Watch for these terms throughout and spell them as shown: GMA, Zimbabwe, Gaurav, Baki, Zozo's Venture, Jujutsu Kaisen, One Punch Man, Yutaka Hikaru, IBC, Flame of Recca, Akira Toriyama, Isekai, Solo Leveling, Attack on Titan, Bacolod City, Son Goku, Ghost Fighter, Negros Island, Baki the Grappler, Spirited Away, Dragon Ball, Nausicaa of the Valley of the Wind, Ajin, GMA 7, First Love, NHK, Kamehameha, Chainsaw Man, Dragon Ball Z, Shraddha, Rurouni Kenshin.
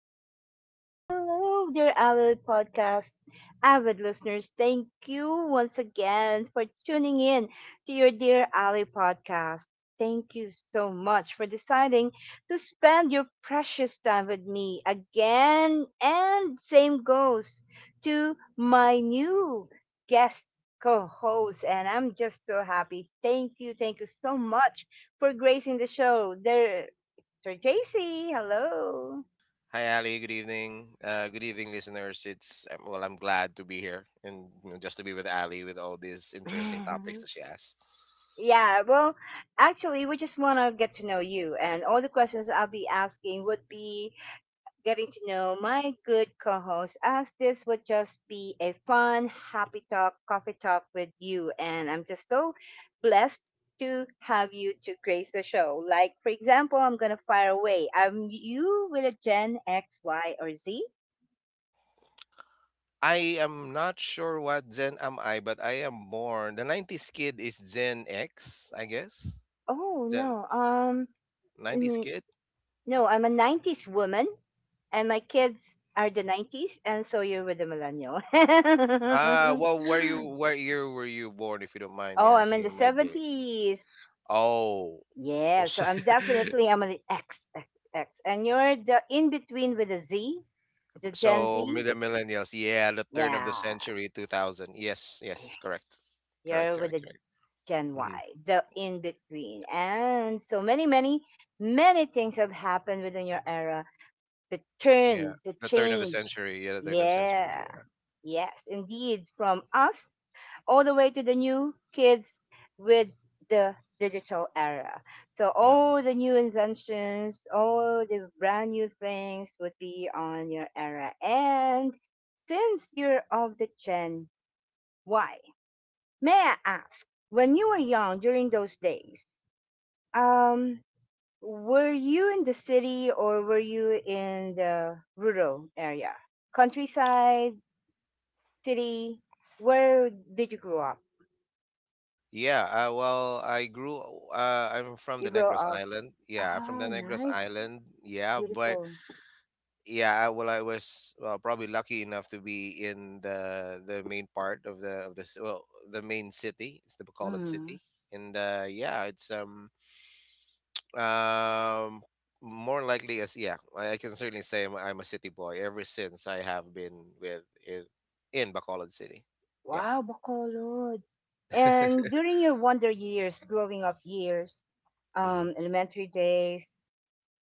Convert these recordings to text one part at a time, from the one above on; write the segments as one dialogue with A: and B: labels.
A: hello, hello, hello, dear avid podcast, avid listeners. Thank you once again for tuning in to your dear Ali podcast. Thank you so much for deciding to spend your precious time with me again. And same goes to my new guest co-host, and I'm just so happy. Thank you so much for gracing the show. There, Sir JC, hello.
B: Hi, Ali. Good evening. Good evening, listeners. It's well, I'm glad to be here, and just to be with Ali with all these interesting topics that she has.
A: Yeah, well, actually, we just want to get to know you, and all the questions I'll be asking would be getting to know my good co host, as this would just be a fun, happy talk, coffee talk with you. And I'm just so blessed to have you to grace the show. Like, for example, I'm going to fire away. You with a Gen X, Y, or Z?
B: I am not sure what Gen am I, but I am born. The 90s kid is Gen X, I guess.
A: Oh,
B: Gen
A: no.
B: 90s kid.
A: No, I'm a 90s woman and my kids are the 90s, and so you're with the millennial.
B: Well, where year were you born, if you don't mind me
A: Oh, I'm in the
B: asking, my dear?
A: 70s.
B: Oh, oh,
A: Yeah, so
B: so,
A: I'm definitely I'm an X, X, X. And you're the in between with the Z, the Gen Z.
B: the millennials. Yeah, the turn of the
A: Yeah.
B: century, 2000. Yes, yes, correct, correct,
A: You're with
B: correct.
A: the Gen
B: Hmm.
A: Y, the in between. And so many, many, many things have happened within your era. The
B: Yeah,
A: turn, the
B: the turn of the
A: change.
B: century. Yeah, the turn of the century.
A: Yeah.
B: Yeah,
A: Yes, indeed, from us all the way to the new kids with the digital era. So
B: yeah,
A: all the new inventions, all the brand new things would be on your era. And since you're of the Gen Y, may I ask, when you were young during those days, um, were you in the city or were you in the rural area? Countryside, city, where did you grow up?
B: yeah. Well, I grew. I'm from the
A: You grow
B: Negros
A: up.
B: Island. Yeah, I'm from the
A: Ah,
B: Negros
A: nice.
B: Island. Yeah, but
A: Beautiful.
B: yeah, well, I was, well, probably lucky enough to be in the main part of the well, the main city. It's the Bacolod
A: Mm.
B: city, and yeah, it's um more likely, as yeah, I can certainly say I'm a city boy ever since I have been in Bacolod City. Yeah.
A: Wow, Bacolod. And during your wonder years, growing up years,
B: Hmm.
A: elementary days,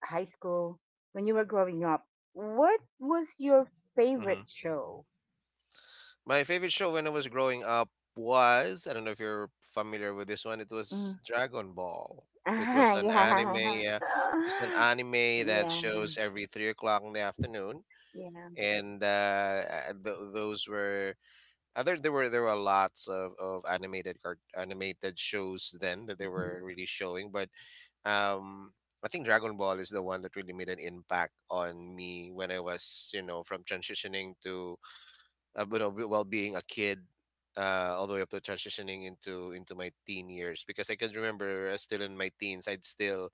A: high school, when you were growing up, what was your
B: Hmm.
A: favorite show?
B: My favorite show when I was growing up was, I don't know if you're familiar with this one, it was
A: Mm.
B: Dragon Ball. It
A: Ah,
B: was an anime,
A: yeah.
B: yeah. It was an anime that
A: Yeah,
B: shows every 3 o'clock in the afternoon.
A: yeah.
B: And th those were other there were lots of animated shows then that they were
A: Mhm.
B: really showing, but um I think Dragon Ball is the one that really made an impact on me when I was, from transitioning to, while being a kid, all the way up to transitioning into my teen years. Because I can remember, still in my teens, I'd still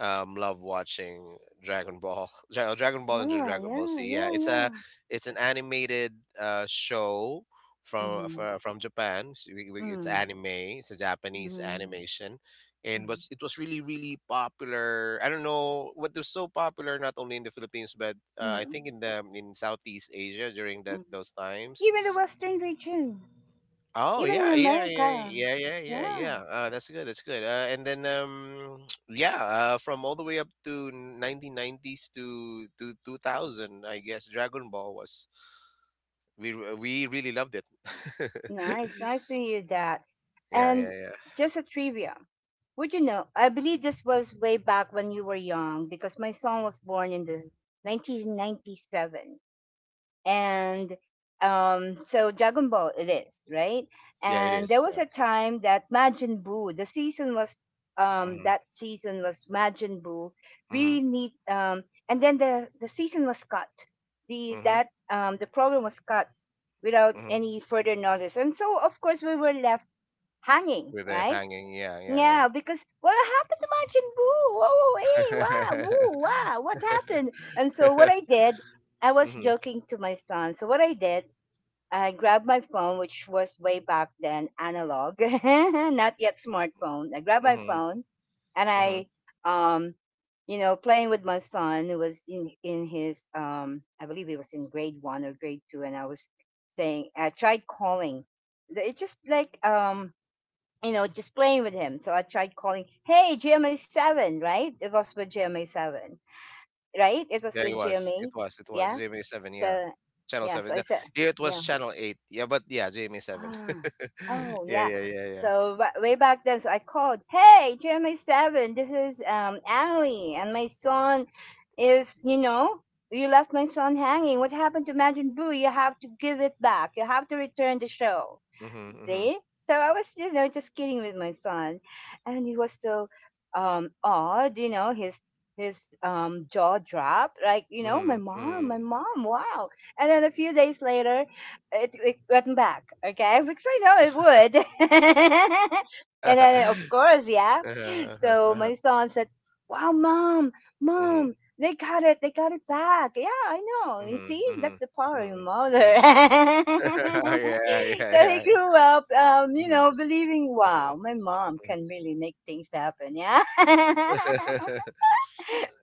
B: love watching Dragon Ball, Dragon Ball and
A: Ah,
B: Dragon Ball
A: yeah,
B: Z. Yeah,
A: yeah, yeah.
B: it's an animated show from
A: Mm-hmm.
B: from, from Japan. So it's
A: Mm-hmm.
B: anime. It's a Japanese
A: Mm-hmm.
B: animation, and
A: Mm-hmm.
B: was it was really popular. I don't know what was so popular, not only in the Philippines, but I
A: Mm-hmm.
B: think in the, in Southeast Asia during that
A: Mm-hmm.
B: those times.
A: Even the Western region,
B: Oh
A: even in
B: yeah, yeah, yeah,
A: America.
B: yeah, yeah, yeah,
A: Yeah,
B: yeah. That's good. That's good. And then yeah, from all the way up to 1990s to 2000, I guess Dragon Ball was, we really loved it.
A: nice, nice to hear that.
B: Yeah, yeah,
A: And
B: yeah,
A: just a trivia. Would you know? I believe this was way back when you were young, because my son was born in the 1997. And so Dragon Ball it is, right?
B: yeah. It
A: And there
B: is.
A: was
B: Yeah.
A: a time that Majin Buu, the season was
B: Mm-hmm.
A: that season was Majin Buu.
B: Mm-hmm.
A: We need and then the season was cut. The
B: Mm-hmm.
A: that um the program was cut without
B: Mm-hmm.
A: any further notice. And so of course we were left hanging,
B: With it
A: right?
B: hanging. Yeah, yeah,
A: Yeah,
B: yeah.
A: because what happened to my chin? Boo! Whoa, hey, wow, woo, wow, what happened? And so what I did, I was
B: Mhm,
A: joking to my son. So what I did, I grabbed my phone, which was way back then analog, not yet smartphone. I grabbed my
B: mhm,
A: phone, and
B: mhm.
A: I, um, playing with my son, who was in his, I believe he was in grade one or grade two, and I was saying, I tried calling. It's just like, just playing with him. So I tried calling, "Hey, GMA 7, right? It was with GMA 7, right? It was
B: Yeah, it
A: with
B: was. It
A: GMA."
B: was. It was.
A: Yeah.
B: GMA seven. Yeah,
A: The,
B: Channel
A: yeah.
B: seven.
A: So I
B: Yeah.
A: said,
B: Here it was
A: yeah.
B: Channel eight. Yeah, but yeah, GMA seven.
A: Ah, oh
B: Yeah,
A: yeah.
B: yeah, yeah, yeah.
A: So way back then, so I called, "Hey, GMA 7, this is Allie, and my son is, you left my son hanging. What happened to Majin Buu? You have to give it back. You have to return the show."
B: Mhm, mhm,
A: See? So I was, just kidding with my son, and he was so odd, his jaw dropped, like,
B: mhm,
A: my
B: mhm.
A: mom, wow. And then a few days later, it went back, okay? Because I know it would. And then, of course, yeah.
B: Uh-huh,
A: So
B: uh-huh.
A: my son said, "Wow, mom,
B: Mhm,
A: mom, they got it back." Yeah, I know. You
B: mhm,
A: see, that's
B: mhm,
A: the power of your
B: mhm,
A: mother.
B: mhm. Yeah, yeah, yeah.
A: So he grew up,
B: Mhm,
A: believing, wow,
B: mhm,
A: my mom can
B: mhm.
A: really make things happen. Yeah.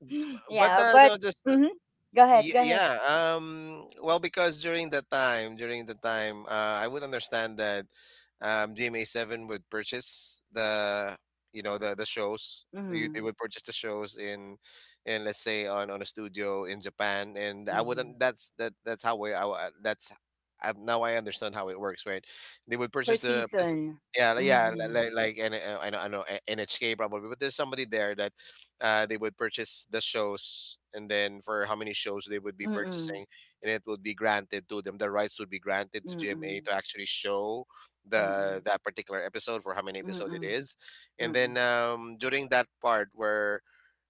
B: but
A: Yeah,
B: uh,
A: but
B: no, just
A: mhm. Go ahead, go ahead.
B: Yeah, well, because during the time, I would understand that, dma7 would purchase the, the shows. They
A: Mm-hmm.
B: would purchase the shows in, let's say, on a studio in Japan. And I
A: Mm-hmm.
B: wouldn't that's that that's how we I, wa- that's I, now I understand how it works, right? They would
A: Per
B: purchase the this,
A: season.
B: Yeah, like
A: Mm-hmm.
B: like, like I know, NHK probably, but there's somebody there that, they would purchase the shows, and then for how many shows they would be
A: Mm, mm,
B: purchasing, and it would be granted to them. The rights would be granted to GMA
A: mm,
B: to actually show the
A: mm,
B: that particular episode for how many episode it
A: mm,
B: is. And
A: mm,
B: then during that part where,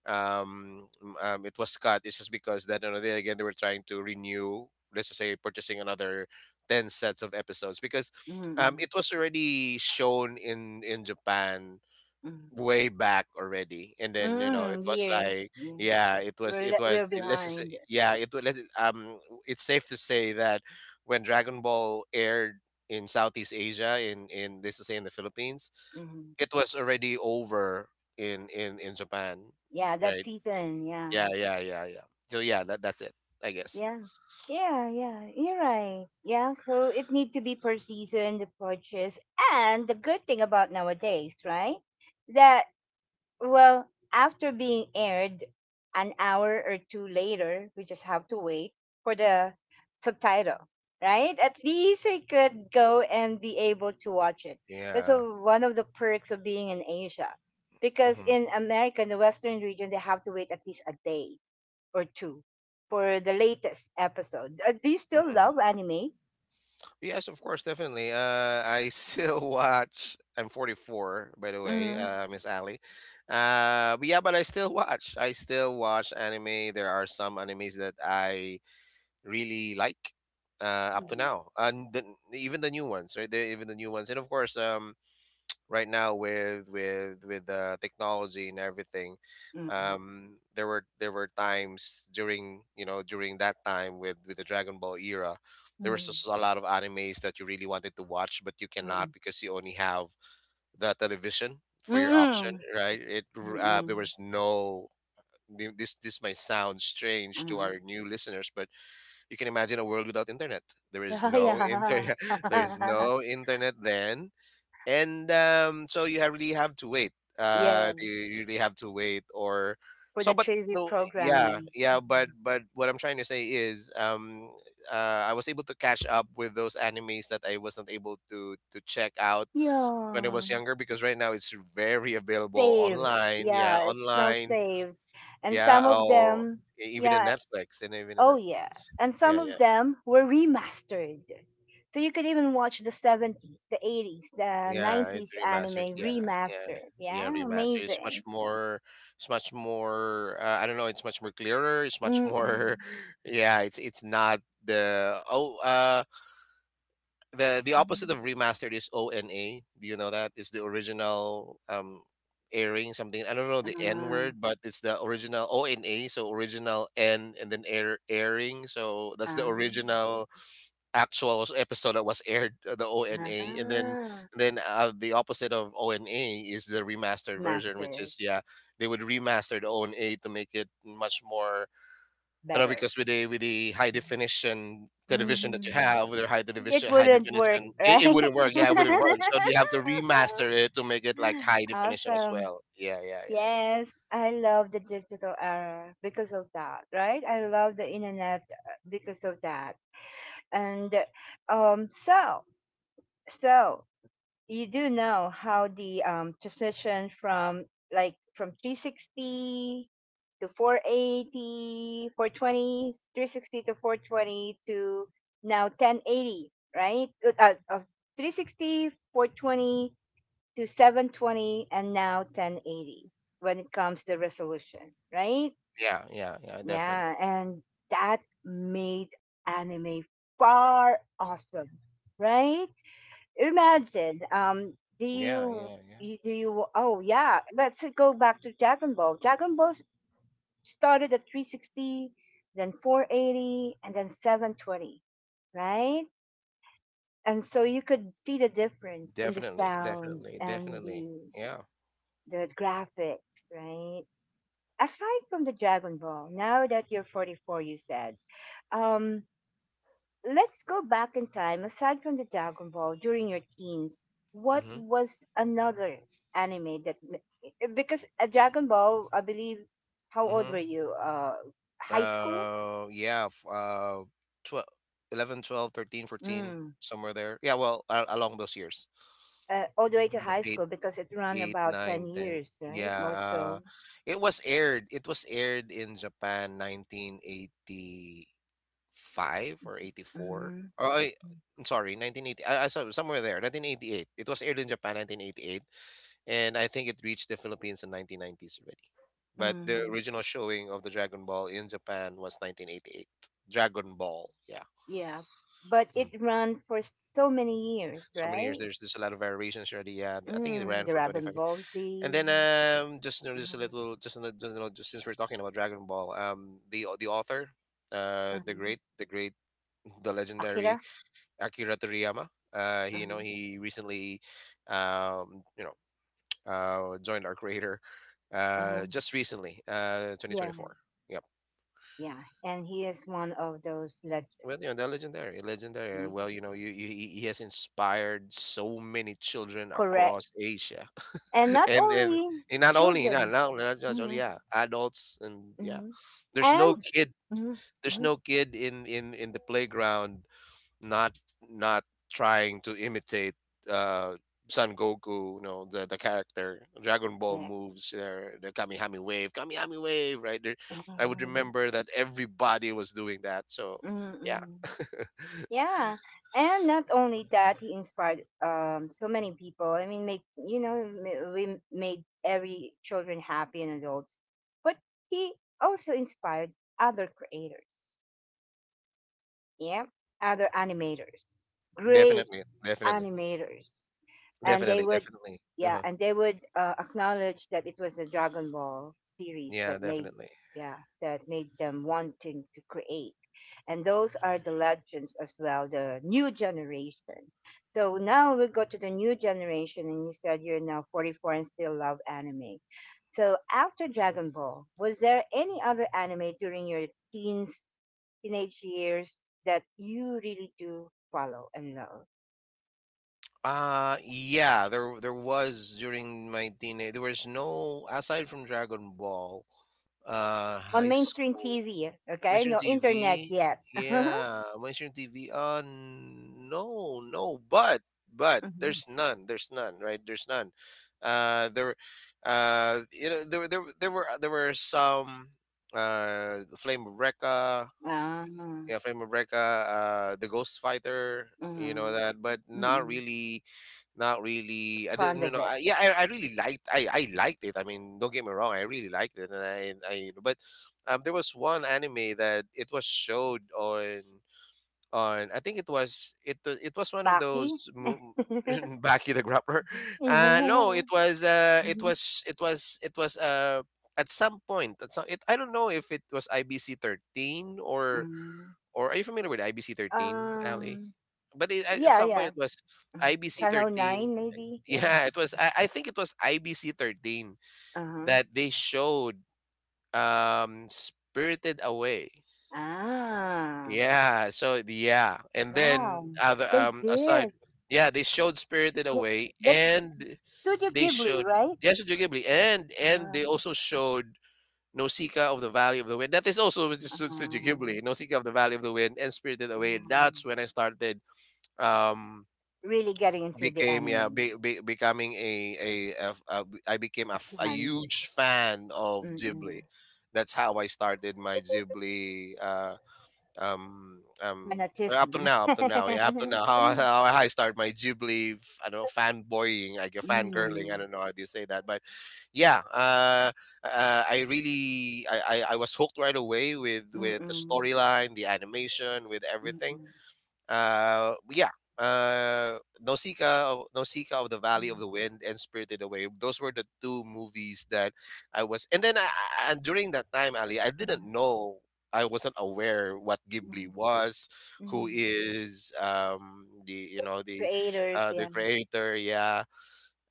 B: it was cut, it's just because that, they, again, they were trying to renew, let's just say, purchasing another 10 sets of episodes, because it was already shown in Japan
A: mm,
B: way back already. And then it
A: mm,
B: was
A: years.
B: like,
A: Yeah.
B: yeah. it was
A: We're
B: it
A: le-
B: was
A: we're behind.
B: yeah, it was, it's safe to say that when Dragon Ball aired in Southeast Asia, in this is say in the Philippines,
A: Mm.
B: it was already over in Japan,
A: Yeah, that
B: right?
A: season. Yeah.
B: Yeah, yeah, yeah, yeah. So yeah, that's it, I guess.
A: Yeah. Yeah, yeah, you're right. Yeah, so it need to be per season the purchase, and the good thing about nowadays, right? That Well, after being aired an hour or two later, we just have to wait for the subtitle, right? At least I could go and be able to watch it. That's a,
B: Yeah.
A: one of the perks of being in Asia. Because in America, in the Western region, they have to wait at least a day or two for the latest episode. Do you still
B: Hmm.
A: love anime?
B: Yes, of course, definitely. I still watch. I'm 44, by the way,
A: Mm-hmm.
B: Miss Ali. But yeah, but I still watch. I still watch anime. There are some animes that I really like, up to now, and even the new ones, right? Even the new ones. And of course, right now, with with the technology and everything,
A: Mm-hmm.
B: there were times during, during that time with, the Dragon Ball era, there was
A: Mm-mm.
B: just a lot of animes that you really wanted to watch, but you cannot,
A: Mm-mm.
B: because you only have the television for your option,
A: Mm-mm.
B: right? There
A: Mm-mm.
B: was no, this might sound strange to
A: Mm-mm.
B: our new listeners, but you can imagine a world without internet. There is
A: Oh,
B: no
A: yeah.
B: internet. There is no internet then. And so you have really have to wait.
A: Yeah,
B: You really have to wait, or,
A: for
B: so,
A: the
B: but
A: trivia
B: no, yeah,
A: programming.
B: yeah, but
A: Mhm.
B: but what I'm trying to say is, I was able to catch up with those animes that I wasn't able to check out when I
A: Yeah,
B: was younger, because right now it's very available
A: saved.
B: online. Yeah,
A: Yeah, it's now
B: online.
A: saved. And
B: Yeah.
A: some of
B: Oh,
A: them,
B: even in
A: yeah,
B: Netflix. And even in
A: oh yeah.
B: Netflix.
A: And some
B: Yeah,
A: of
B: yeah.
A: them were remastered. So you could even watch the 70s, the 80s, the
B: Yeah, it's
A: 90s
B: remasters.
A: anime
B: Yeah, yeah,
A: remastered.
B: yeah,
A: Yeah,
B: remaster.
A: amazing.
B: It's much more. I don't know. It's much more clearer. It's much more.
A: Mm-mm.
B: Yeah, it's not the
A: Mm-hmm.
B: opposite of remastered is ONA. Do you know that? It's the original airing something. I don't know the N
A: Ah,
B: word, but it's the original ONA. So, original N, and then airing. So that's the
A: ah,
B: original actual episode that was aired, the
A: ah.
B: ONA. And then
A: Ah.
B: and then the opposite of ONA is the remastered version, which
A: Mastered
B: is, yeah, they would remaster the ONA to make it much more,
A: better.
B: because with the, high definition television that you
A: Mhm.
B: have, with their high
A: It
B: definition high
A: wouldn't work,
B: definition, it,
A: right?
B: it wouldn't work. Yeah, it wouldn't work. So they have to remaster it to make it like high definition as
A: Awesome.
B: well. Yeah, yeah, yeah, yeah.
A: Yes, I love the digital era because of that, right? I love the internet, because of that. And um so, so, you do know how the transition from, like, from 360 to 480 to 420 to now 1080, right? Of 360 to 720 and now 1080 when it comes to resolution, right?
B: Yeah, yeah, yeah, definitely.
A: Yeah, and that made anime far awesome, right? Imagine, do
B: Yeah,
A: you,
B: yeah, yeah.
A: you do you? Oh yeah, let's go back to Dragon Ball. Dragon Ball started at 360, then 480, and then 720, right? And so you could see the difference in the
B: Definitely,
A: sounds
B: definitely,
A: and
B: definitely.
A: the
B: Yeah.
A: the graphics, right? Aside from the Dragon Ball, now that you're 44, you said, um, let's go back in time. Aside from the Dragon Ball, during your teens, what
B: Mm-hmm.
A: was another anime because a Dragon Ball, I believe, how old
B: Mm-hmm.
A: were you? High school.
B: Yeah, 12, 11, 12, 13, 14
A: Mm.
B: somewhere there. Yeah, well, along those years.
A: All the way to
B: Mm,
A: high
B: 8,
A: school, because it ran
B: eight,
A: about ten
B: nine, ten.
A: years, right?
B: Yeah,
A: More so.
B: it was aired. It was aired in Japan 1980 5 or 84.
A: Mm-hmm.
B: Oh, I'm sorry, 1980. I saw somewhere there, 1988. It was aired in Japan, 1988, and I think it reached the Philippines in 1990s already. But the
A: Mm.
B: original showing of the Dragon Ball in Japan was 1988. Dragon Ball, yeah.
A: Yeah, but
B: Mm.
A: it ran for so many years,
B: So many years.
A: right?
B: There's a lot of variations already. Yeah, I think it
A: Mm, the
B: ran for twenty
A: Dragon
B: five.
A: Ball
B: And
A: Z.
B: then just, just, a
A: Mm-hmm.
B: little, just, since we're talking about Dragon Ball, the author, uh, the
A: Mm-hmm.
B: great, the great, the
A: Akira.
B: legendary Akira Toriyama. He, you know,
A: Mm-hmm.
B: he recently, um, you know, joined our creator,
A: Mm-hmm.
B: just recently,
A: Yeah.
B: 2024. Yep.
A: Yeah, and he is one of those
B: Well, they're legendary, legendary.
A: yeah,
B: Well, he has inspired so many children
A: correct,
B: across Asia,
A: and not
B: and and,
A: only
B: and not only, not
A: children.
B: now, not just, oh,
A: Hmm
B: yeah, adults, and yeah,
A: hmm.
B: there's no
A: And
B: kid,
A: mhm,
B: there's
A: mhm,
B: no kid in the playground, not not trying to imitate uh Son Goku, the character, Dragon Ball
A: yeah,
B: moves, the Kamihami wave, right? There, I would remember that everybody was doing that. So yeah,
A: mm yeah, and not only that, he inspired so many people. I mean, make you know m- we made every children happy and adults, but he also inspired other creators. Yeah, other animators, great
B: definitely, definitely,
A: animators, and they
B: definitely,
A: would
B: definitely.
A: yeah
B: Uh-huh.
A: and they would acknowledge that it was the Dragon Ball series
B: Yeah,
A: that made,
B: definitely.
A: yeah that made them wanting to create, and those are the legends, as well the new generation. So now we go to the new generation, and you said you're now 44 and still love anime, so after Dragon Ball was there any other anime during your teens teenage years that you really do follow and love
B: Yeah, there was, during my teenage there was no, aside from Dragon Ball,
A: on
B: high
A: mainstream
B: school.
A: TV. Okay,
B: Mainstream
A: no internet
B: TV.
A: yet.
B: Yeah, mainstream TV. No, no, but
A: Mhm.
B: there's none. There's none, right? There's none. There, there were some Flame of Recca,
A: Ah,
B: yeah, Frame of Recca, the Ghost Fighter, you know
A: mhm.
B: that, but not
A: Mm.
B: really, not really. I
A: Fond
B: didn't,
A: of it,
B: I really liked, I liked it. I mean, don't get me wrong, I really liked it, and but there was one anime that it was showed on. I think it was, it was one of
A: Baki.
B: those. Baki the Grappler. No,
A: Yeah.
B: it was
A: Mhm.
B: at some point at some it, I don't know if it was IBC 13 or
A: Mm.
B: are you familiar with IBC 13, Ali?
A: Um.
B: But it, at
A: Yeah.
B: some point
A: Yeah.
B: it was IBC
A: Channel
B: 13.
A: Nine, maybe. Yeah.
B: Yeah, it was. I think it was IBC 13
A: Uh-huh.
B: that they showed Spirited Away.
A: Ah.
B: Yeah. So yeah, and then
A: Wow.
B: other
A: They did.
B: aside, yeah, they showed Spirited
A: Go-
B: Away,
A: That's
B: and
A: Studio
B: they
A: Ghibli,
B: showed,
A: right?
B: yeah, Studio Ghibli, and
A: Wow.
B: they also showed Nausicaa of the Valley of the Wind. That is also with the Studio
A: Ah.
B: Ghibli, Nausicaa of the Valley of the Wind, and Spirited Away.
A: Wow.
B: That's when I started um
A: Really getting into the
B: became, yeah,
A: anime.
B: becoming a, f- a I became a,
A: A
B: f- a
A: fan.
B: huge fan of Ghibli.
A: Mm.
B: That's how I started my Ghibli um um well,
A: Fanatism.
B: up to now, how I start my Ghibli, I don't know, fanboying, like a
A: Mm.
B: fangirling, I
A: Mm.
B: don't know how do you say that, but yeah. I really, I was hooked right away with the
A: Mm.
B: storyline, the animation, with everything.
A: Mm.
B: uh yeah Nausicaa of the Valley of the
A: Mm.
B: Wind and Spirited Away, those were the two movies that I was. And then I- and during that time, Ali, I didn't
A: Mm.
B: know, I wasn't aware what Ghibli was, who
A: Mm.
B: is the you know
A: Creators,
B: the
A: yeah.
B: creator, yeah,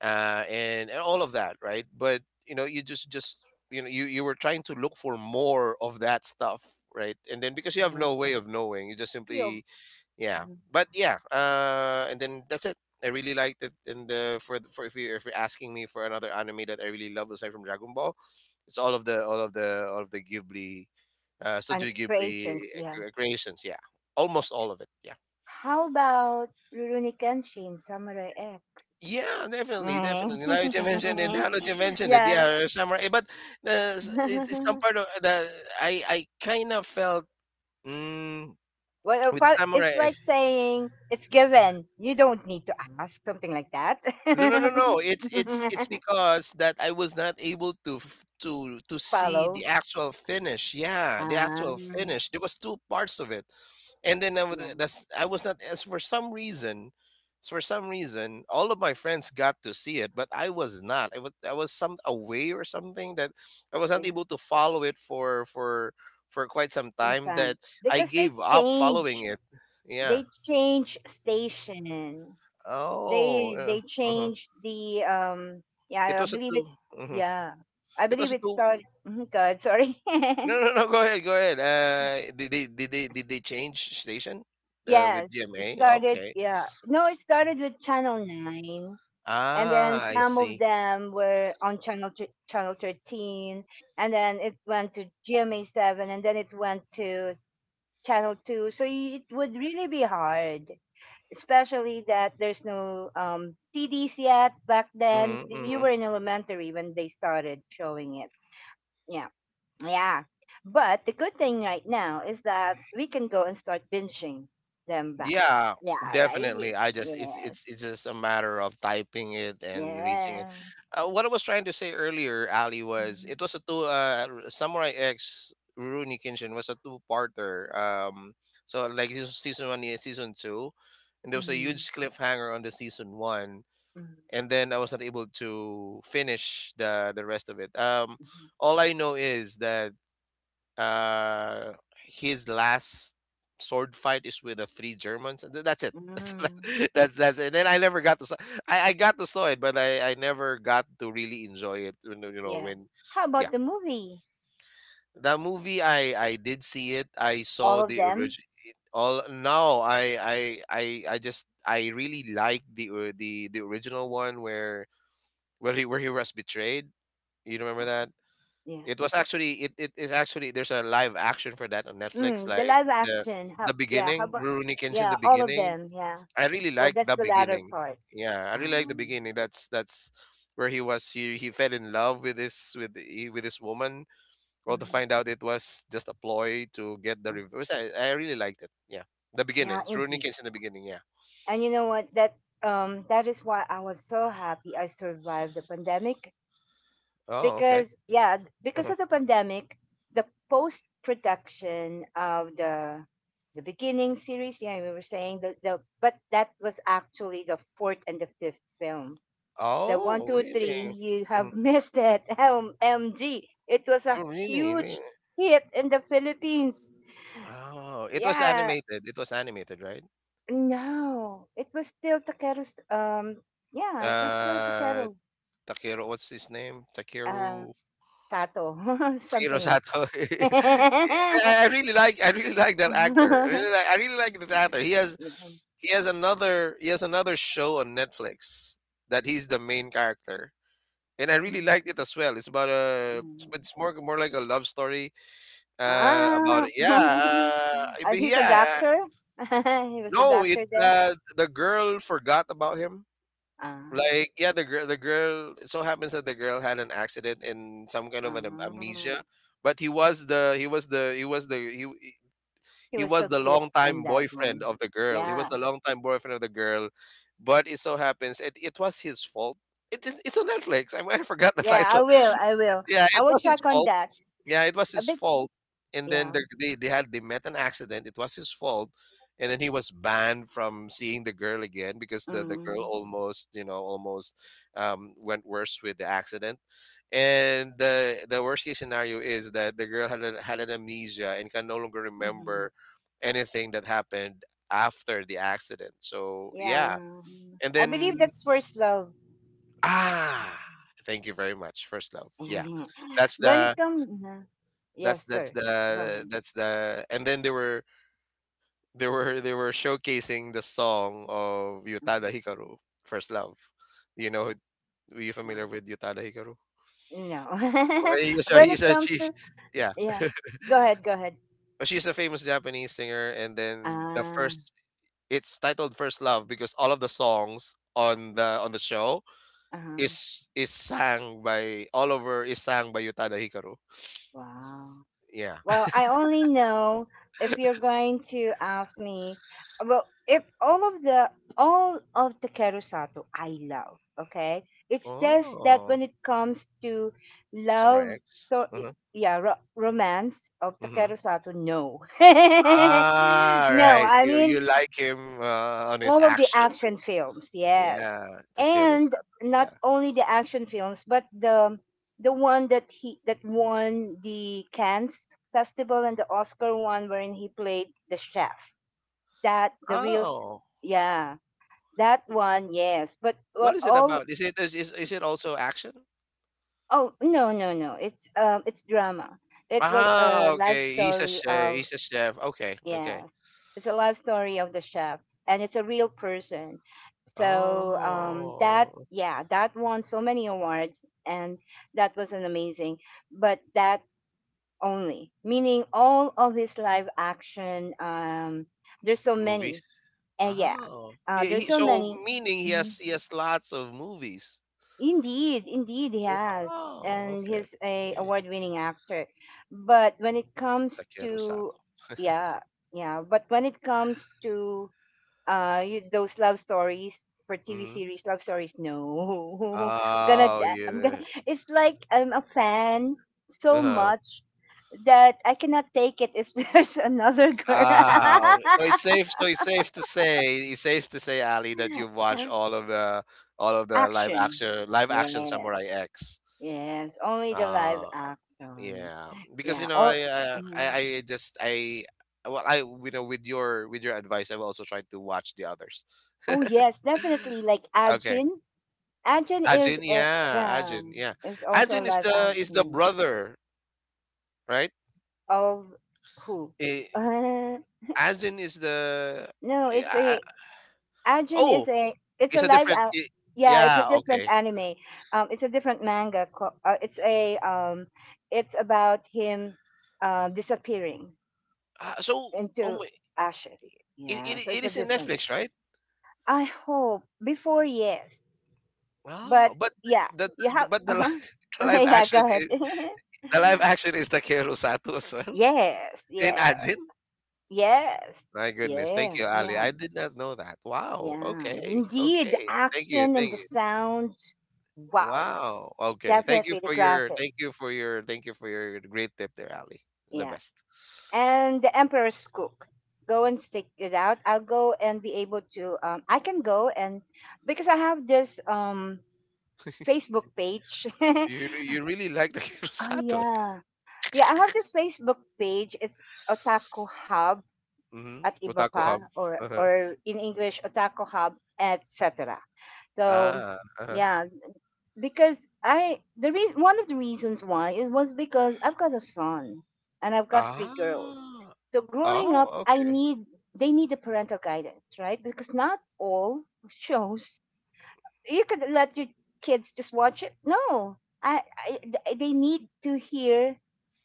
B: and all of that, right. But you just you were trying to look for more of that stuff, right, and then because you have no
A: Yes.
B: way of knowing, you just
A: You know,
B: simply. Yeah,
A: Mm.
B: but yeah, and then that's it. I really liked it. And the- for if you if you're asking me for another anime that I really love aside from Dragon Ball, it's all of the Ghibli,
A: And
B: Studio Ghibli
A: creations, yeah.
B: creations. Yeah, almost all of it. Yeah.
A: How about Rurouni Kenshin, Samurai X?
B: Yeah, definitely, definitely. Now that you mentioned it,
A: Yeah.
B: yeah, samurai. But it's some part of the. I kind of felt, mm,
A: Well,
B: with
A: apart, it's
B: samurai.
A: like saying it's given. You don't need to ask something like that.
B: No, no, no, no. It's because that I was not able to see the
A: Follow.
B: actual finish. Yeah, the actual
A: Um,
B: finish. There was two parts of it, and then I was, that's, I was not. As for some reason, all of my friends got to see it, but I was not. I was some away or something, that I was
A: Yeah,
B: not able to follow it for quite some time.
A: sometimes
B: That I
A: because they
B: gave up following
A: change,
B: it. Yeah.
A: they change station.
B: Oh,
A: They
B: yeah.
A: they
B: Uh-huh.
A: change the.
B: It
A: Yeah, I
B: was a
A: believe
B: 2.
A: it.
B: Mhm.
A: Yeah, I
B: It
A: believe
B: was a
A: it
B: two.
A: started. Mhm, God, sorry.
B: No, no, no. Go ahead. Go ahead. Did they did they did they change station, with
A: Yes, it
B: GMA?
A: started.
B: Okay.
A: Yeah, no, it started with Channel 9, and then
B: Ah, I
A: some of
B: see.
A: them were on Channel 13, and then it went to GMA Seven, and then it went to Channel 2. So it would really be hard, especially that there's no CDs yet back then.
B: Hmm.
A: You
B: Hmm.
A: were in elementary when they started showing it. Yeah, yeah. But the good thing right now is that we can go and start binging them back.
B: Yeah,
A: Yeah, right.
B: definitely. I just,
A: Yeah,
B: it's just a matter of typing it and reaching it.
A: yeah.
B: What I was trying to say earlier, Ali, was
A: Mhm.
B: it was a two, Samurai X, Rurouni Kenshin was a two-parter. So like this was season one, yeah, season two, and there was a
A: Mhm.
B: huge cliffhanger on the season one,
A: Mhm.
B: and then I was not able to finish the rest of it.
A: Mhm.
B: All I know is that, uh, his last sword fight is with the three Germans. That's it.
A: Mhm.
B: That's it. And then I never got to saw. I got to saw it, but I never got to really enjoy it. You know,
A: Yeah.
B: when
A: How about
B: Yeah,
A: the movie?
B: the movie, I did see it. I
A: All
B: saw
A: of
B: the
A: them.
B: original. All no, I really like the original one where he was betrayed. You remember
A: Uh,
B: that?
A: yeah.
B: It is actually, there's a live action for that on Netflix,
A: Mm, the
B: like
A: live action. How?
B: the
A: Yeah. How
B: beginning,
A: about?
B: Rurouni Kenshin
A: Yeah,
B: the
A: all of
B: beginning.
A: them. Yeah.
B: I really
A: Well,
B: like
A: that's
B: the
A: the latter
B: beginning.
A: part.
B: Yeah, I really like the
A: Um,
B: beginning. That's where he fell in love with this, with this woman. Well, to
A: mhm,
B: find out it was just a ploy to get the
A: mm.
B: reverse. I really liked it. Yeah. The beginning.
A: Yeah,
B: It's Rurouni
A: indeed.
B: Kenshin the beginning, yeah.
A: And you know what? That is why I was so happy I survived the pandemic,
B: Oh, okay.
A: because yeah, because
B: Uh-huh.
A: of the pandemic, the post production of the beginning series. Yeah, we were saying the but that was actually the fourth and the fifth film. The one,
B: Oh,
A: two, three.
B: really?
A: You
B: Mm.
A: have missed it. MG. It was a
B: Oh, really? Really?
A: huge hit in the Philippines.
B: Oh, it was
A: Yeah,
B: animated. It was animated, right?
A: no, it was still Takeru's. Yeah, it was still
B: Uh,
A: Takeru.
B: Takeru, what's his name?
A: Uh, Sato,
B: Takeru
A: something like
B: Sato.
A: that.
B: I really like. I really like that actor. I really like. I really like that actor. He has.
A: Yeah.
B: He has another. He has another show on Netflix that he's the main character, and I really
A: Mhm.
B: liked it as well. It's about a.
A: Mm.
B: It's more like a love story. About
A: Ah,
B: it. Yeah. But
A: He's a
B: yeah.
A: doctor. He was a
B: No, it.
A: doctor then.
B: The girl forgot about him.
A: Ah,
B: Like, yeah, the girl, it so happens that the girl had an accident in some kind of
A: oh.
B: amnesia, but he
A: He
B: he
A: was
B: was
A: so
B: the
A: cute on
B: longtime
A: that
B: boyfriend
A: one.
B: of the girl. He was
A: Yeah,
B: the longtime boyfriend of the girl, but it so happens, it was his fault. It's it's on Netflix. I forgot the
A: yeah.
B: title.
A: I will.
B: Yeah,
A: I
B: it
A: will
B: was his
A: check on
B: fault.
A: that
B: Yeah, it was
A: a
B: his
A: bit.
B: fault. And then,
A: Yeah.
B: they had, they met an accident. It was his fault, and then he was banned from seeing the girl again because the girl
A: Mm-hmm.
B: almost, almost, went worse with the accident. And the worst case scenario is that the girl had had an amnesia and can no longer
A: Mm-hmm.
B: remember anything that happened after the accident. So
A: Yeah.
B: yeah, and
A: I
B: then,
A: believe that's first love.
B: ah, thank you very much, first love. Yeah, that's
A: When it
B: the
A: comes, yes,
B: that's
A: sir. Go ahead.
B: the, and then they were they were showcasing the song of
A: Mhm.
B: Yutada Hikaru, First Love. You know,
A: Yeah,
B: are you
A: yeah.
B: familiar with Yutada Hikaru?
A: No.
B: Well,
A: When
B: he's
A: it
B: a
A: comes
B: she's,
A: to,
B: yeah.
A: yeah. Go ahead.
B: She's a famous Japanese singer, and then the
A: Ah.
B: first, it's titled First Love because all of the songs on the show
A: Uh huh.
B: is sang by, Yutada Hikaru.
A: Wow.
B: Yeah.
A: Well, I only know if you're going to ask me. Well, if all of the all of the Kerusato I love, okay. It's just that
B: Oh,
A: when it comes to
B: Samurai
A: love,
B: X.
A: so
B: Mm-hmm.
A: yeah, romance of
B: Mm-hmm.
A: Takeru Sato, no,
B: Ah,
A: no.
B: right.
A: I mean,
B: You like him, on his
A: all of the
B: action.
A: action films, yes,
B: Yeah, Takeru
A: and
B: Sato.
A: not
B: Yeah.
A: only the action films, but the one that he that won the Cannes festival and the Oscar one wherein he played the chef that the real,
B: Oh,
A: yeah, that one, yes, but
B: what is it
A: all,
B: about? Is, is it also action?
A: oh no no no, it's it's drama, it was
B: Ah,
A: a life
B: okay. He's a
A: story
B: chef.
A: of.
B: He's a chef. Okay, okay.
A: Yes. It's a life story of the chef, and it's a real person. So that,
B: Oh,
A: yeah, that won so many awards, and that was an amazing. But that only, meaning all of his live action, there's so
B: movies.
A: many. And yeah.
B: Oh, yeah.
A: There's
B: He,
A: so
B: so
A: many.
B: meaning
A: Mhm.
B: he has lots of movies.
A: Indeed, indeed he has.
B: Wow.
A: And
B: Okay.
A: he's a
B: Okay.
A: award-winning actor. But when it comes
B: Takeru
A: to,
B: Sato.
A: yeah, yeah, but when it comes to you, those love stories for TV
B: Mm-hmm.
A: series love stories, no. I'm gonna
B: Oh,
A: die. I'm gonna
B: yeah.
A: it's like I'm a fan so
B: Uh-huh.
A: much that I cannot take it if there's another girl.
B: Wow. So it's safe. So it's safe to say. It's safe to say, Ali, that you've watched all of the
A: Action,
B: live action
A: yes,
B: Samurai X.
A: yes only the live
B: Uh,
A: action,
B: yeah. Because,
A: yeah, all. Mhm.
B: I just I well, I you know with your advice, I've also tried to watch the others.
A: Oh yes, definitely, like
B: Okay.
A: Ajin. Ajin is
B: Ajin,
A: a,
B: yeah,
A: yeah,
B: Ajin, yeah.
A: is also a
B: Ajin
A: live
B: is the
A: action.
B: brother, right?
A: Of who?
B: Eh,
A: Uh,
B: Ajin is the,
A: no,
B: eh,
A: it's
B: I-
A: a,
B: I-
A: Ajin
B: oh,
A: is a it's
B: it's
A: a
B: a different i.
A: yeah, it's a
B: Yeah,
A: different
B: okay.
A: anime. It's a different manga. It's a it's about him disappearing
B: Ah, so, oh
A: into
B: my,
A: ashes. Yeah, so
B: it
A: it's a
B: is in
A: different.
B: Netflix, right?
A: I hope before, yes, but
B: Oh, but
A: yeah,
B: the
A: you
B: the
A: have,
B: but
A: uh
B: the li
A: huh.
B: the live
A: Yeah,
B: action
A: go ahead.
B: is the live action is Takeru Sato as well?
A: Yes,
B: In
A: yeah,
B: Ajin?
A: yes,
B: My goodness. Thank
A: yeah,
B: you, Ali.
A: yeah.
B: I did not know that. Wow.
A: Yeah,
B: Okay.
A: indeed. The
B: Okay. Thank you.
A: action and
B: Thank
A: the
B: you.
A: sounds. Wow.
B: Wow. Okay.
A: Definitely the graphic.
B: Thank you for your great tip there, Ali. The
A: Yeah.
B: best.
A: And the Emperor's Cook. Go and stick it out. I'll go and be able to. I can go and because I have this Facebook page. Oh
B: You really like the Kirosato.
A: yeah, yeah. I have this Facebook page. It's Otaku Hub
B: Mm-hmm.
A: at iba
B: Otaku
A: pa,
B: Hub. Uh-huh.
A: or in English Otaku Hub etc. So
B: Ah, uh-huh.
A: yeah, because I the reason one of the reasons why is was because I've got a son and I've got three girls.
B: Ah.
A: So growing up,
B: Oh,
A: I
B: okay.
A: need, they need the parental guidance, right? Because not all shows you could let your kids just watch it. No, they need to hear.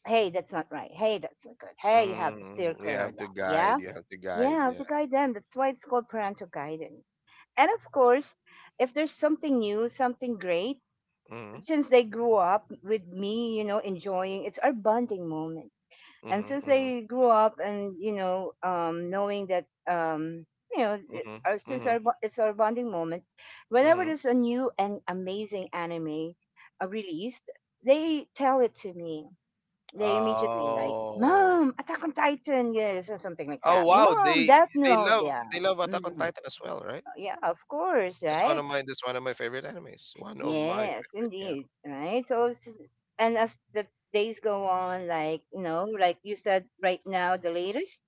A: Hey, that's not right. Hey, that's not good. Hey, you have to steer
B: Mm, you
A: clear
B: have
A: of
B: to
A: that. Yeah,
B: guide. You have to
A: yeah,
B: guide.
A: I have
B: Yeah.
A: to guide them. That's why it's called parental guidance. And of course, if there's something new, something great,
B: Mm-hmm.
A: since they grew up with me, you know, enjoying, it's our bonding moment. And since
B: Mm-hmm.
A: they grew up and you know, knowing that you know,
B: Mm-hmm. Mm-hmm.
A: since
B: Mm-hmm.
A: it's our bonding moment, whenever
B: Mm-hmm.
A: there's a new and amazing anime released, they tell it to me. They immediately like,
B: Oh.
A: "Mom, Attack on Titan," yes, or something like
B: Oh,
A: that.
B: wow.
A: "Mom, Death
B: They
A: Note,"
B: love
A: yeah.
B: they love Attack on
A: Mhm.
B: Titan as well, right?
A: Yeah, of course, right?
B: That's one of my favorite animes. One of my
A: Yes,
B: favorite. Yeah.
A: indeed. Right. And as the days go on, like you know, like you said, right now, the latest,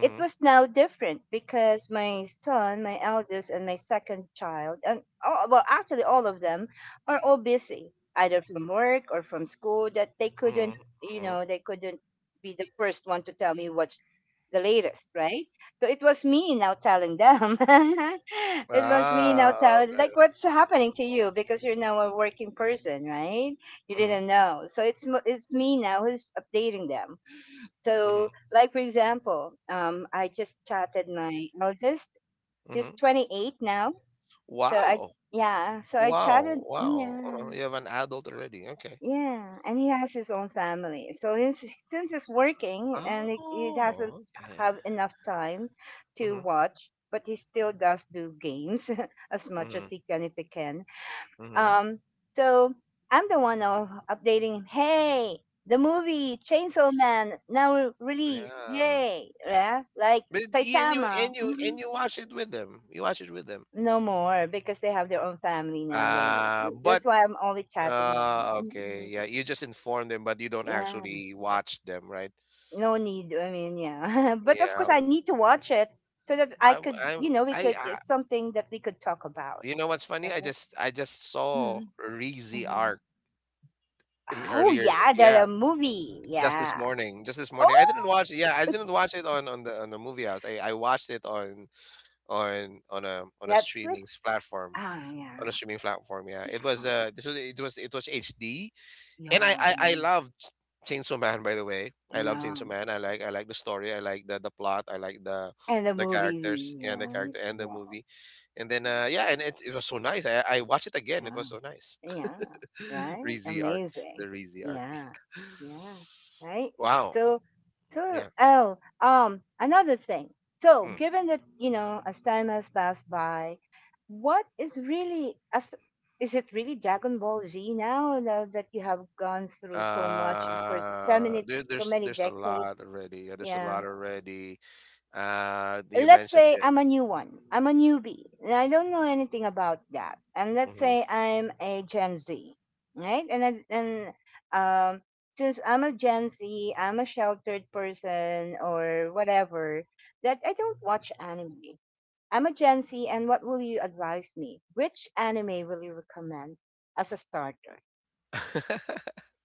A: it was now different because my son, my eldest, and my second child, and all, well, actually all of them are all busy, either from work or from school, that they couldn't,
B: Mm-hmm.
A: you
B: Mm-hmm.
A: know, they couldn't be the first one to tell me what's the latest, right? So it was me now telling them. It was me now
B: Ah.
A: telling,
B: Okay.
A: like, what's happening to you because you're now a working person, right? You
B: Mm-hmm.
A: didn't know. So it's me now who's updating them,
B: Mm-hmm.
A: so, like for example, I just chatted my eldest. He's
B: Mm-hmm.
A: 28 now. So I,
B: Wow.
A: yeah. So I chatted,
B: Wow. Wow.
A: yeah,
B: You have an adult already. Okay.
A: yeah. And he has his own family. So his, since he's working and he doesn't
B: Oh. Okay.
A: have enough time to
B: Mm-hmm.
A: watch, but he still does do games as much as
B: Mhm.
A: he can if he can,
B: Mhm.
A: um, so I'm the one now updating him. Hey, the movie Chainsaw Man now released.
B: Yeah.
A: Hey, yeah, like
B: But y- and
A: Saitama. Mm-mm.
B: you watch it with them. You watch it with them.
A: No more because they have their own family now. They,
B: But
A: that's why I'm only chatting them.
B: uh, okay.
A: Mm-mm.
B: Yeah, you just inform them but you don't
A: Yeah,
B: actually watch them, right?
A: no need. I mean, yeah, but of course
B: Yeah.
A: I need to watch it so that I
B: I
A: could,
B: I
A: you know, we could.
B: I,
A: It's something that we could talk about,
B: you know what's funny?
A: right?
B: I just
A: Mm-hmm.
B: saw Reezy
A: Mm-hmm.
B: arc in the
A: Oh
B: earlier,
A: yeah,
B: yeah,
A: the movie.
B: just this
A: Yeah.
B: morning. Just this
A: Oh.
B: morning. I didn't watch it. Yeah, I didn't watch it on the movie house. I watched it on a streaming
A: Netflix?
B: platform.
A: Ah,
B: On
A: yeah,
B: a streaming platform. Yeah, it
A: yeah,
B: was, this was it was HD,
A: yeah,
B: and
A: yeah,
B: I loved Chainsaw Man. By the way, I love
A: yeah.
B: Chainsaw Man. I like the story. I like the plot. I like
A: And the
B: the
A: movies,
B: characters, yeah, and the
A: yeah,
B: character and the
A: yeah,
B: movie, and then,
A: yeah,
B: yeah, and it was so nice. I watched it again. It
A: yeah,
B: was so nice.
A: yeah, right?
B: Rizy arc,
A: Amazing.
B: the Rizy arc.
A: Yeah, yeah, right?
B: Wow.
A: So, so,
B: Yeah.
A: oh, another thing. So,
B: Mm.
A: given that, you know, as time has passed by, what is really, as, is it really Dragon Ball Z now, now that you have gone through so much for so
B: Uh,
A: many,
B: there,
A: so
B: there's
A: many
B: there's a
A: decades?
B: lot already. Yeah, there's a
A: Yeah.
B: lot already. You
A: Let's
B: mentioned
A: say
B: it.
A: I'm a new one. I'm a newbie. And I don't know anything about that. And let's
B: Mhm.
A: say I'm a Gen Z, right? And um since I'm a Gen Z, I'm a sheltered person or whatever, that I don't watch anime. I'm a Gen Z, and what will you advise me? Which anime will you recommend as a starter?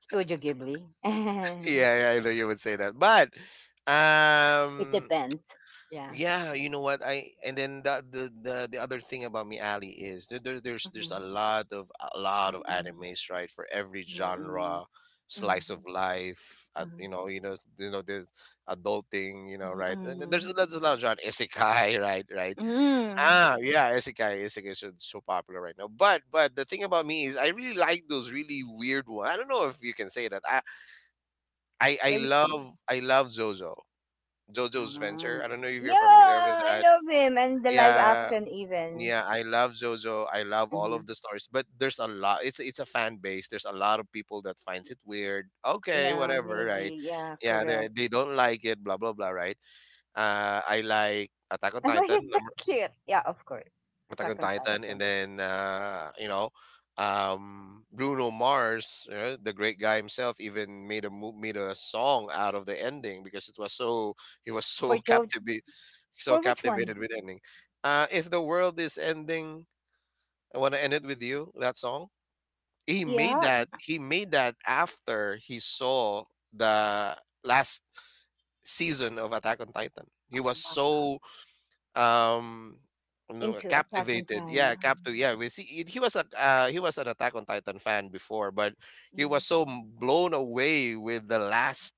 A: Studio Ghibli.
B: Yeah, yeah, I know you would say that. But
A: It
B: um
A: depends. Yeah.
B: yeah, you know what? I and then the other thing about me, Ali, is there's
A: Mhm.
B: a lot of
A: Mhm.
B: animes, right? For every
A: Mhm.
B: genre,
A: Mhm.
B: slice of life,
A: Mhm.
B: there's adulting, right? And then
A: Mm.
B: there's a lot of genre, isekai, right, right?
A: Mm.
B: Ah, yeah, isekai, isekai is so, so popular right now. But the thing about me is, I really like those really weird ones. I don't know if you can say that. I I
A: When
B: love I love Zozo. Zozo's Venture.
A: ah.
B: I don't know if you're familiar with
A: Yeah, I
B: that.
A: love him and the live
B: Yeah,
A: action even.
B: yeah, I love Zozo. I love all
A: Mhm.
B: of the stories, but there's a lot. It's a fan base. There's a lot of people that finds it weird. Okay,
A: Yeah,
B: whatever, right?
A: maybe. Yeah,
B: Yeah,
A: correct.
B: they don't like it. Blah blah blah, right? I like Attack on
A: But
B: Titan.
A: he's so cute. Yeah, of course.
B: Attack
A: Attack
B: on
A: on
B: Titan, and
A: Titan.
B: then Bruno Mars, the great guy himself, even made a song out of the ending because it was so he was
A: For Joe, for
B: so
A: which one?
B: captivated with ending. If the world is ending, I want to end it with you. That song
A: Yeah,
B: he made that after he saw the last season of Attack on Titan. He was so um, no,
A: into Attack on
B: captivated.
A: Titan.
B: Yeah, captive. Yeah, we see he was a he was an Attack on Titan fan before, but he
A: Mm.
B: was so blown away with the last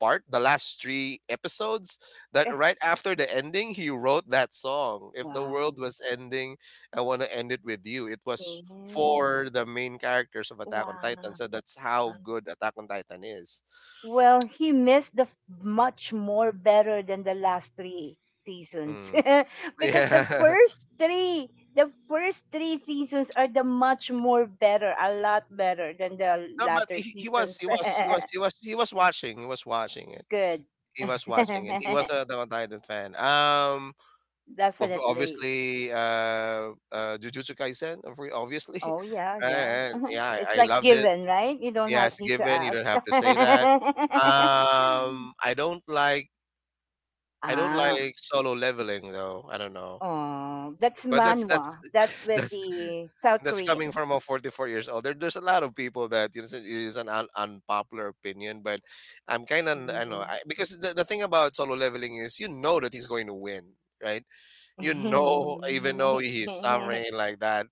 B: part, the last three episodes, that
A: Eh,
B: right after the ending, he wrote that song. If the
A: wow.
B: world was ending, I want to end it with you. It was
A: Yeah.
B: for the main characters of Attack on Titan,
A: Wow.
B: so that's how good Attack on Titan is.
A: Well, he missed the much more better than the last three seasons
B: Mm.
A: because
B: Yeah.
A: the first three seasons are the much more better, a lot better than the
B: No,
A: latter
B: he was
A: seasons.
B: he was he was he was he was watching. He was watching it.
A: Good,
B: He was watching it. He was a Attack on Titan fan.
A: definitely.
B: Obviously, Jujutsu Kaisen, obviously,
A: Oh yeah, yeah.
B: right? Yeah,
A: It's
B: I, I
A: like
B: loved it.
A: given, right? You don't
B: Yeah,
A: have
B: it's
A: need to
B: given. You don't
A: ask.
B: have to say that. Um, I don't like. I don't
A: Ah,
B: like solo leveling though. I don't know.
A: oh, that's
B: But that's
A: manhwa. That's with
B: that's
A: the South
B: that's coming
A: Koreans.
B: from a 44 years old. There's a lot of people that you know, it is unpopular opinion, but I'm kind of I know
A: Mhm.
B: I, because the thing about solo leveling is you know that he's going to win, right? You know, even though he's suffering like that,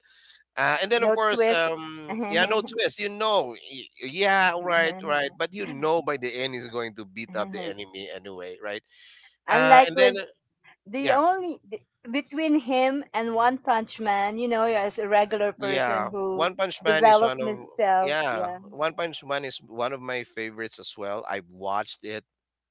B: and then of
A: No
B: course,
A: twist.
B: yeah, no twist. Yeah, right, right, but you know by the end he's going to beat up the enemy anyway, right?
A: Unlike
B: And then
A: with the
B: yeah.
A: only the- between him and One Punch Man, you know, as a regular person
B: Yeah,
A: who
B: One Punch Man is
A: developed
B: one of
A: himself.
B: yeah,
A: Yeah,
B: One Punch Man is one of my favorites as well. I've watched it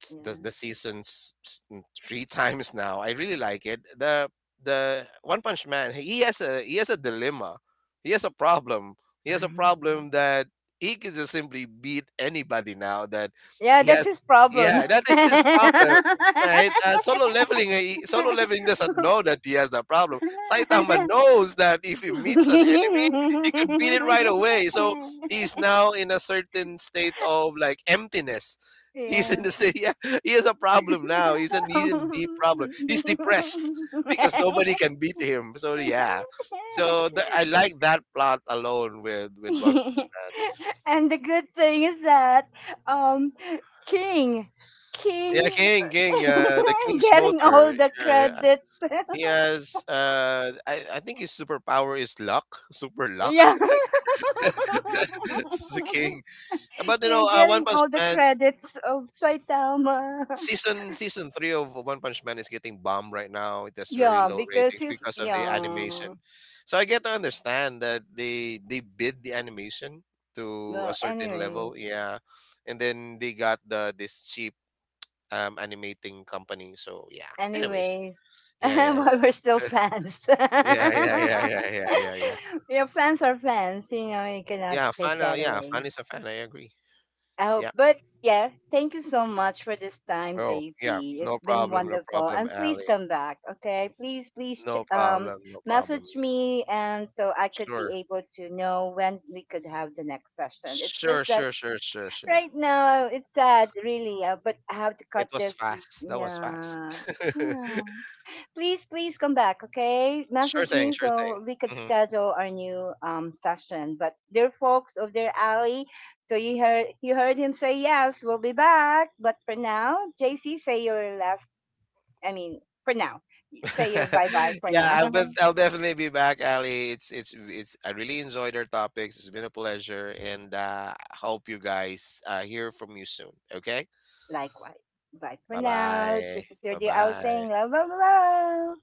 B: s-
A: yeah,
B: the seasons s- n- three times now. I really like it. The One Punch Man, he has a dilemma. He has a problem. He has a problem that he can just simply beat anybody now that
A: yeah.
B: he
A: That's
B: has
A: his problem.
B: yeah, that is his problem right? Solo leveling doesn't know that he has that problem. Saitama knows that if he meets an enemy, he could beat it right away. So he's now in a certain state of like emptiness. He's
A: Yeah.
B: in the state. Yeah, he has a problem now. He's in deep problem. He's depressed because nobody can beat him. So yeah. So I like that plot alone with One Punch Man.
A: And the good thing is that um king
B: Yeah,
A: king
B: King, King, the King's
A: getting all
B: Motor.
A: the
B: Yeah,
A: credits.
B: He has, uh, I think his superpower is luck, super luck.
A: Yeah.
B: It's the king. But you
A: Yeah,
B: know, One
A: getting
B: Punch
A: all the
B: Man
A: credits of Saitama.
B: season three of One Punch Man is getting bombed right now. It has very
A: Yeah,
B: low
A: because
B: ratings
A: he's,
B: because of the
A: yeah,
B: animation. So I get to understand that they bid the animation to a
A: well,
B: certain level,
A: anyways,
B: yeah, and then they got the this cheap animating company. So yeah. Anyways,
A: anyways,
B: yeah, yeah, yeah,
A: but we're still fans.
B: yeah, yeah, yeah,
A: Yeah,
B: yeah, yeah, yeah. yeah.
A: fans are fans. You know, you cannot
B: Yeah,
A: take
B: fan.
A: that
B: Yeah,
A: away.
B: fan is a fan. I agree.
A: Oh,
B: Yeah.
A: but yeah, thank you so much for this time,
B: Oh, yeah.
A: JC.
B: No
A: It's been
B: problem. No
A: wonderful,
B: problem,
A: and please
B: Ali.
A: come back. Okay, please,
B: No problem. No problem.
A: message me, and so I could be
B: Sure.
A: able to know when we could have the next session. It's
B: Sure.
A: just that
B: Sure. Sure. Sure. Sure.
A: right now it's sad, really. But I have to
B: It
A: cut
B: was
A: this.
B: fast. That was fast.
A: Yeah, yeah, please, please come back, okay?
B: sure
A: Message
B: thing.
A: me
B: Sure thing.
A: so we could
B: Hmm
A: schedule our new session. But dear folks of their alley, so you heard him say yes, we'll be back. But for now, JC, say your last. I mean, for now, say your bye bye for now.
B: I'll definitely be back, Ali. It's it's. I really enjoyed our topics. It's been a pleasure, and hope you guys hear from you soon. Okay.
A: Likewise, bye for
B: Bye
A: now.
B: bye.
A: This is your
B: Bye
A: dear owl
B: bye.
A: saying love, love, love.